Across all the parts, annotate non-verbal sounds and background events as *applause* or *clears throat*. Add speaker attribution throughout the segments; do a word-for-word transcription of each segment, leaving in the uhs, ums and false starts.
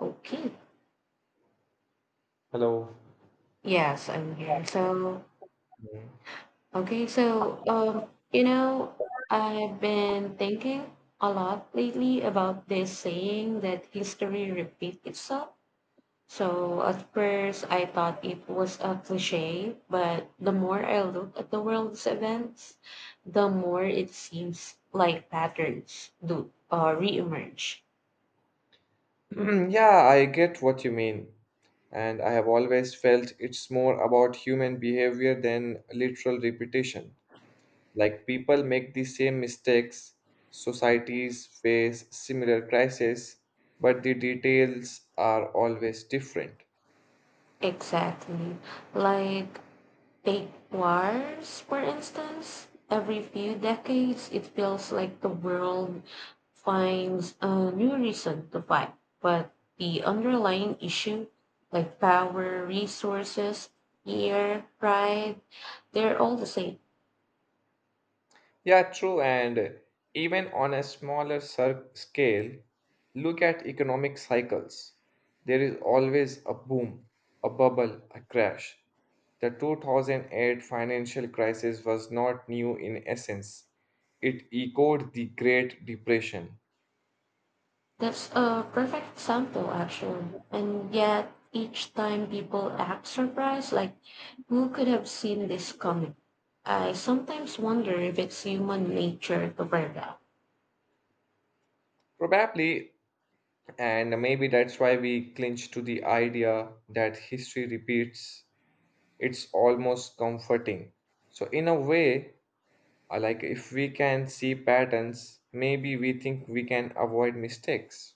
Speaker 1: Okay.
Speaker 2: Hello.
Speaker 1: Yes, I'm here. So, okay, so um, you know, I've been thinking a lot lately about this saying that history repeats itself. So at first I thought it was a cliche, but the more I look at the world's events, the more it seems like patterns do uh, reemerge.
Speaker 2: Mm. *clears throat* Yeah, I get what you mean. And I have always felt it's more about human behavior than literal repetition. Like people make the same mistakes, societies face similar crises, but the details are always different.
Speaker 1: Exactly. Like Take wars, for instance. Every few decades, it feels like the world finds a new reason to fight. But the underlying issue, like power, resources, fear, pride, they're all the same.
Speaker 2: Yeah, true. And even on a smaller cir- scale, look at economic cycles. There is always a boom, a bubble, a crash. The two thousand eight financial crisis was not new in essence. It echoed the Great Depression.
Speaker 1: That's a perfect example, actually. And yet, each time people act surprised, like, who could have seen this coming? I sometimes wonder if it's human nature to burn out.
Speaker 2: Probably, and maybe that's why we clinch to the idea that history repeats. It's almost comforting. So, in a way, Uh, Like if we can see patterns, maybe we think we can avoid mistakes.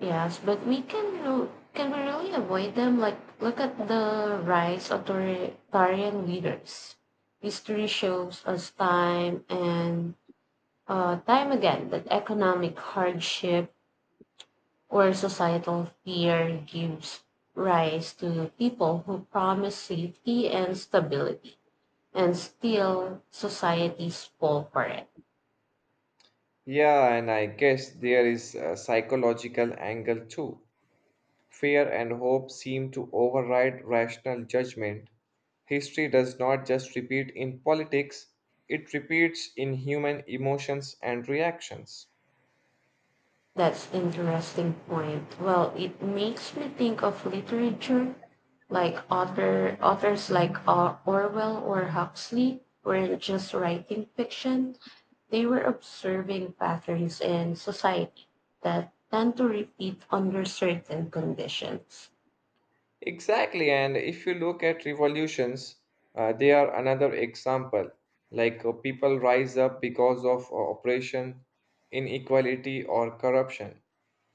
Speaker 1: Yes, but we can ro- can we really avoid them? Like look at the rise of authoritarian leaders. History shows us time and uh, time again that economic hardship or societal fear gives rise to people who promise safety and stability, and still societies fall for it.
Speaker 2: Yeah, and I guess there is a psychological angle too. Fear and hope seem to override rational judgment. History does not just repeat in politics, it repeats in human emotions and reactions.
Speaker 1: That's interesting point. Well, it makes me think of literature, like author authors like uh, Orwell or Huxley weren't just writing fiction; they were observing patterns in society that tend to repeat under certain conditions.
Speaker 2: Exactly, and if you look at revolutions, uh, they are another example. Like uh, people rise up because of uh, oppression, inequality, or corruption.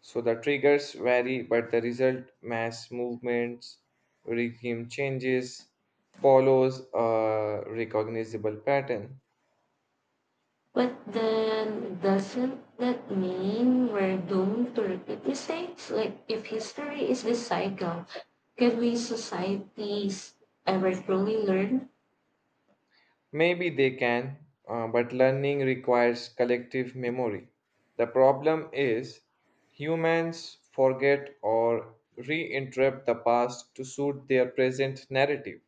Speaker 2: So the triggers vary, but the result, mass movements, regime changes, follows a recognizable pattern.
Speaker 1: But then doesn't that mean we're doomed to repeat mistakes? Like if history is this cycle, can we societies ever truly learn?
Speaker 2: Maybe they can, uh, but learning requires collective memory. The problem is humans forget or reinterpret the past to suit their present narrative.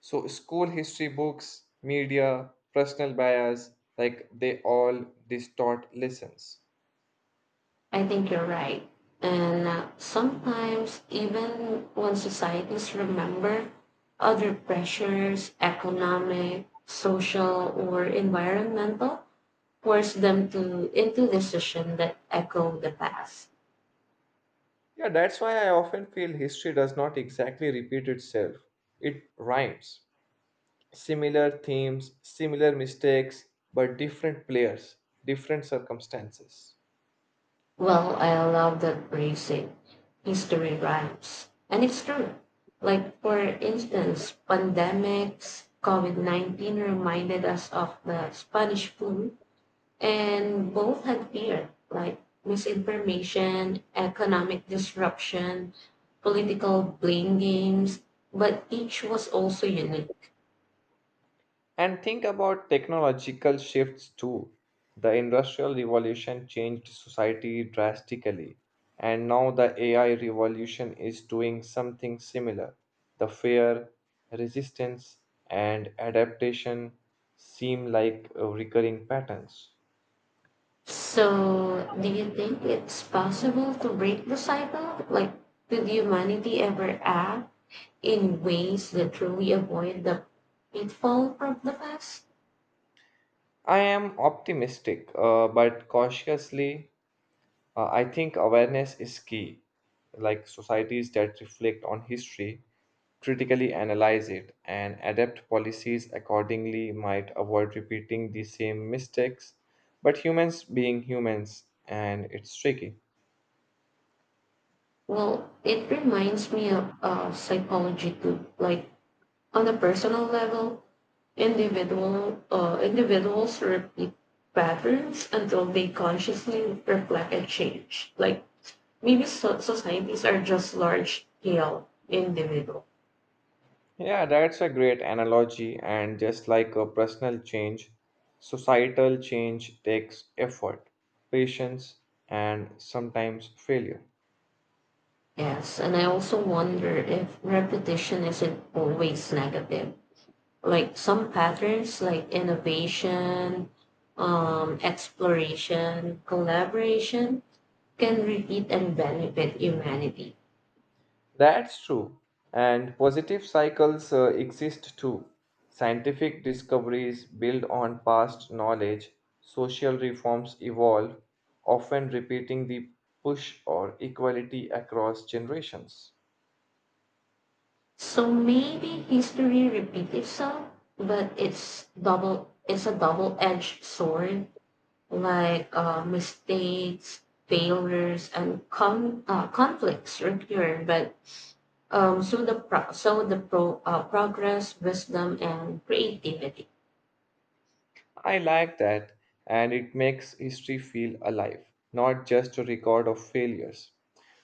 Speaker 2: So, school history books, media, personal bias, like they all distort lessons.
Speaker 1: I think you're right. And uh, sometimes even when societies remember other pressures, economic, social, or environmental, force them to into decisions that echo the past.
Speaker 2: Yeah, that's why I often feel history does not exactly repeat itself, it rhymes. Similar themes, similar mistakes, but different players, different circumstances.
Speaker 1: Well, I love that phrase, eh, history rhymes. And it's true. Like, for instance, pandemics, COVID nineteen reminded us of the Spanish flu, and both had fear, like misinformation, economic disruption, political blame games, but each was also unique.
Speaker 2: And think about technological shifts too. The Industrial Revolution changed society drastically, and now the A I revolution is doing something similar. The fear, resistance, and adaptation seem like uh, recurring patterns.
Speaker 1: So, do you think it's possible to break the cycle? Like, could humanity ever act? In ways that truly avoid the pitfall from the past.
Speaker 2: I am optimistic, uh, but cautiously Uh, I think awareness is key, like societies that reflect on history, critically analyze it, and adapt policies accordingly might avoid repeating the same mistakes. But humans being humans, and it's tricky.
Speaker 1: Well, it reminds me of uh, psychology too. Like on a personal level, individual uh, individuals repeat patterns until they consciously reflect a change. Like maybe so- societies are just large scale individual.
Speaker 2: Yeah, that's a great analogy, and just like a personal change, societal change takes effort, patience, and sometimes failure.
Speaker 1: Yes, and I also wonder if repetition isn't always negative like some patterns like innovation, um, exploration, collaboration can repeat and benefit humanity.
Speaker 2: That's true. And positive cycles uh, exist too. Scientific discoveries build on past knowledge, social reforms evolve, often repeating the push or equality across generations.
Speaker 1: So maybe history repeats itself, but it's double it's a double-edged sword like uh, mistakes, failures, and con- uh, conflicts recur, but um, so the pro- so the pro- uh, progress, wisdom, and creativity.
Speaker 2: I like that, and it makes history feel alive, not just a record of failures.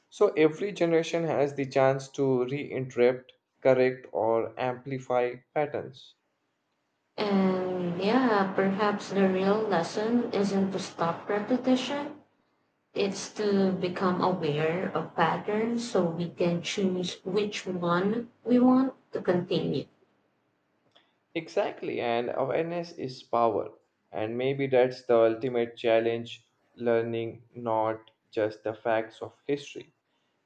Speaker 2: So every generation has the chance to reinterpret, correct, or amplify patterns.
Speaker 1: And yeah, perhaps the real lesson isn't to stop repetition, it's to become aware of patterns so we can choose which one we want to continue.
Speaker 2: Exactly, and awareness is power. And maybe that's the ultimate challenge learning not just the facts of history,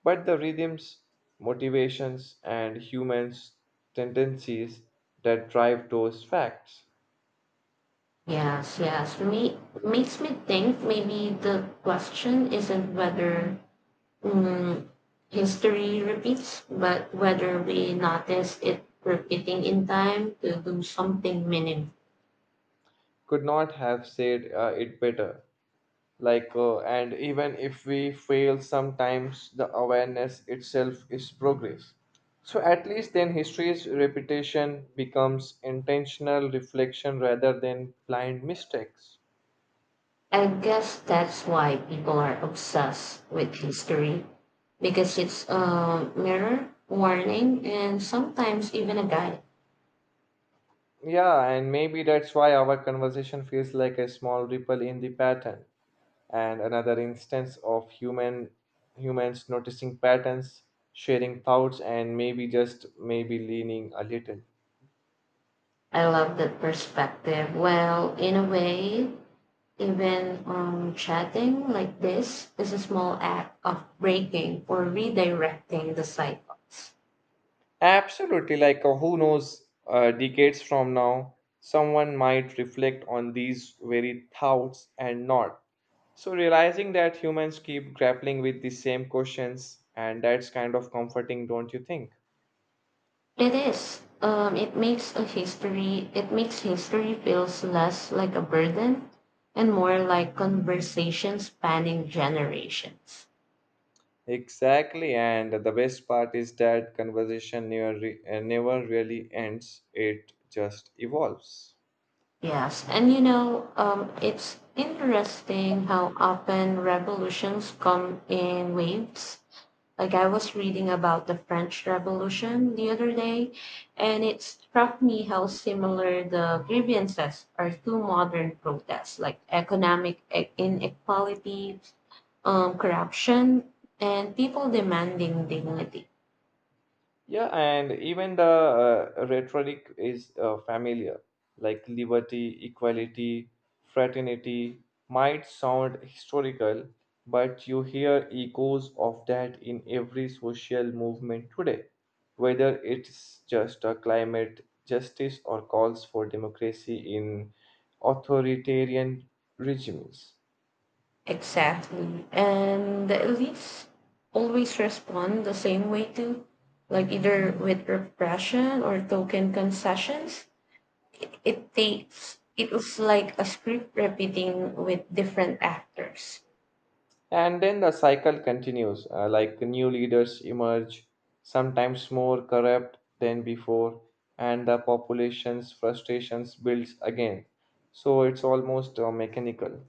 Speaker 2: but the rhythms, motivations, and humans' tendencies that drive those facts.
Speaker 1: Yes, yes. Me makes me think maybe the question isn't whether mm, history repeats, but whether we notice it repeating in time to do something meaningful.
Speaker 2: Could not have said uh, it better. Like uh, and even if we fail, sometimes the awareness itself is progress, so at least then history's repetition becomes intentional reflection rather than blind mistakes.
Speaker 1: I guess that's why people are obsessed with history because it's a mirror, warning, and sometimes even a guide.
Speaker 2: Yeah, and maybe that's why our conversation feels like a small ripple in the pattern, and another instance of human humans noticing patterns, sharing thoughts, and maybe, just maybe, leaning a little.
Speaker 1: I love that perspective. Well, in a way, even um, chatting like this is a small act of breaking or redirecting the cycles.
Speaker 2: Absolutely, like uh, who knows, uh, decades from now, someone might reflect on these very thoughts and not. So, realizing that humans keep grappling with the same questions, and that's kind of comforting, don't you think?
Speaker 1: It is. Um, it makes a history. It makes history feels less like a burden and more like conversations spanning generations.
Speaker 2: Exactly, and the best part is that conversation never, re- uh, never really ends, it just evolves.
Speaker 1: Yes, and you know, um, it's interesting how often revolutions come in waves. Like I was reading about the French Revolution the other day, and it struck me how similar the grievances are to modern protests, like economic e- inequality, um, corruption, and people demanding dignity.
Speaker 2: Yeah, and even the uh, rhetoric is uh, familiar, like liberty, equality, fraternity might sound historical, but you hear echoes of that in every social movement today, whether it's just a climate justice or calls for democracy in authoritarian regimes.
Speaker 1: Exactly. And the elites always respond the same way too, like either with repression or token concessions. It takes it was like a script repeating with different actors.
Speaker 2: And then the cycle continues, uh, like new leaders emerge, sometimes more corrupt than before, and the population's frustrations builds again. So it's almost uh, mechanical.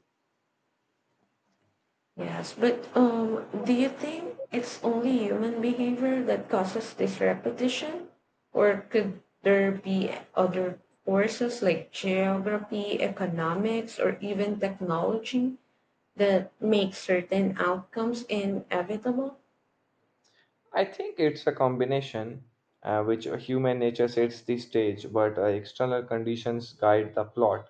Speaker 1: Yes, but um, do you think it's only human behavior that causes this repetition, or could there be other forces like geography, economics, or even technology that make certain outcomes inevitable?
Speaker 2: I think it's a combination, uh, which uh, human nature sets the stage, but uh, external conditions guide the plot.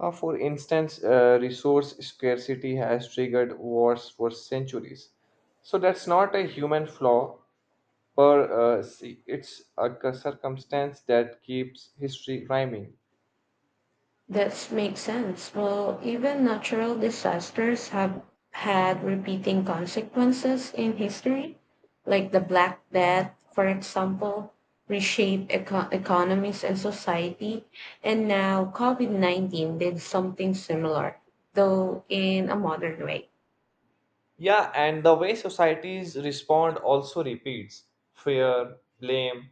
Speaker 2: Uh, for instance, uh, resource scarcity has triggered wars for centuries. So that's not a human flaw. For uh, see, it's a c- circumstance that keeps history rhyming.
Speaker 1: That makes sense. Well, even natural disasters have had repeating consequences in history, like the Black Death, for example, reshaped eco- economies and society. And now COVID nineteen did something similar, though in a modern way.
Speaker 2: Yeah, and the way societies respond also repeats fear, blame,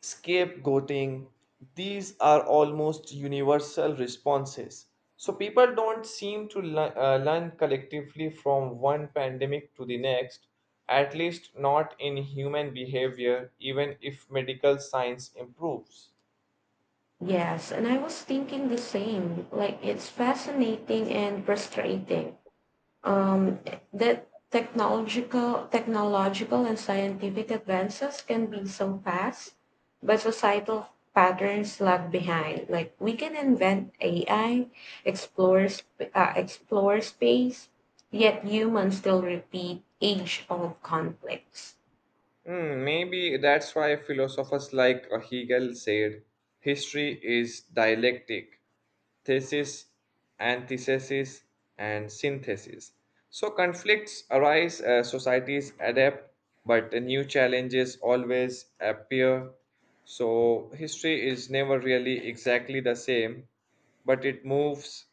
Speaker 2: scapegoating. These are almost universal responses. So people don't seem to lear- uh, learn collectively from one pandemic to the next, at least not in human behavior, even if medical science improves.
Speaker 1: Yes, and I was thinking the same. Like, it's fascinating and frustrating um, that technological, technological and scientific advances can be so fast, but societal patterns lag behind. Like we can invent A I, explore sp- uh, explore space, yet humans still repeat age-old conflicts.
Speaker 2: Hmm, maybe that's why philosophers like Hegel said history is dialectic: thesis, antithesis, and synthesis. So conflicts arise, uh, societies adapt, but new challenges always appear. So history is never really exactly the same, but it moves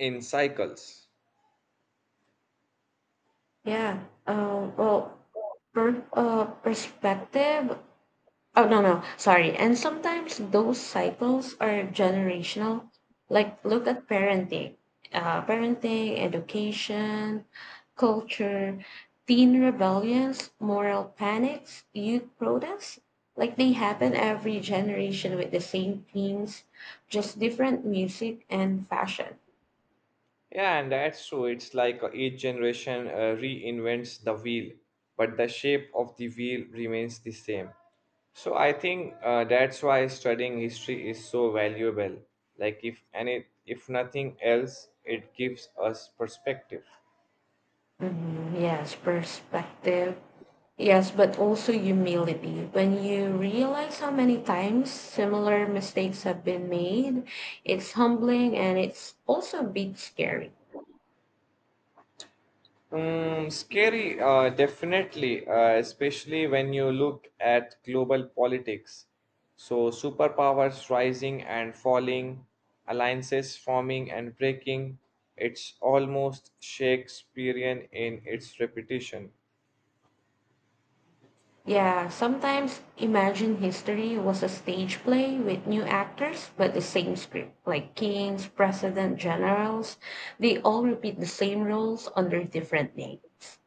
Speaker 2: in cycles.
Speaker 1: Yeah. Uh, well, per, uh, perspective Oh, no, no, sorry. And sometimes those cycles are generational. Like, look at parenting, uh, parenting, education, culture, teen rebellions, moral panics, youth protests. Like, they happen every generation with the same themes, just different music and fashion.
Speaker 2: Yeah, and that's true. It's like uh, each generation uh, reinvents the wheel, but the shape of the wheel remains the same. So I think uh, that's why studying history is so valuable. Like if any, if nothing else, it gives us perspective.
Speaker 1: Mhm, yes, perspective. Yes, but also humility. When you realize how many times similar mistakes have been made, it's humbling and it's also a bit scary.
Speaker 2: Mm, scary, uh, definitely, uh, especially when you look at global politics. So, superpowers rising and falling, alliances forming and breaking, it's almost Shakespearean in its repetition.
Speaker 1: Yeah, sometimes Imagine History was a stage play with new actors, but the same script, like kings, president, generals. They all repeat the same roles under different names.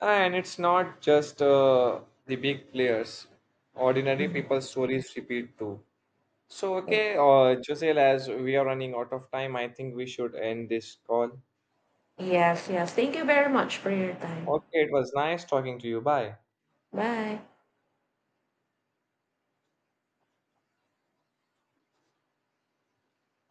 Speaker 2: And it's not just uh, the big players, ordinary people's stories repeat too. So, okay, uh, Josel, as we are running out of time, I think we should end this call.
Speaker 1: Yes, yes. Thank you very much for your time.
Speaker 2: Okay, it was nice talking to you. Bye.
Speaker 1: Bye.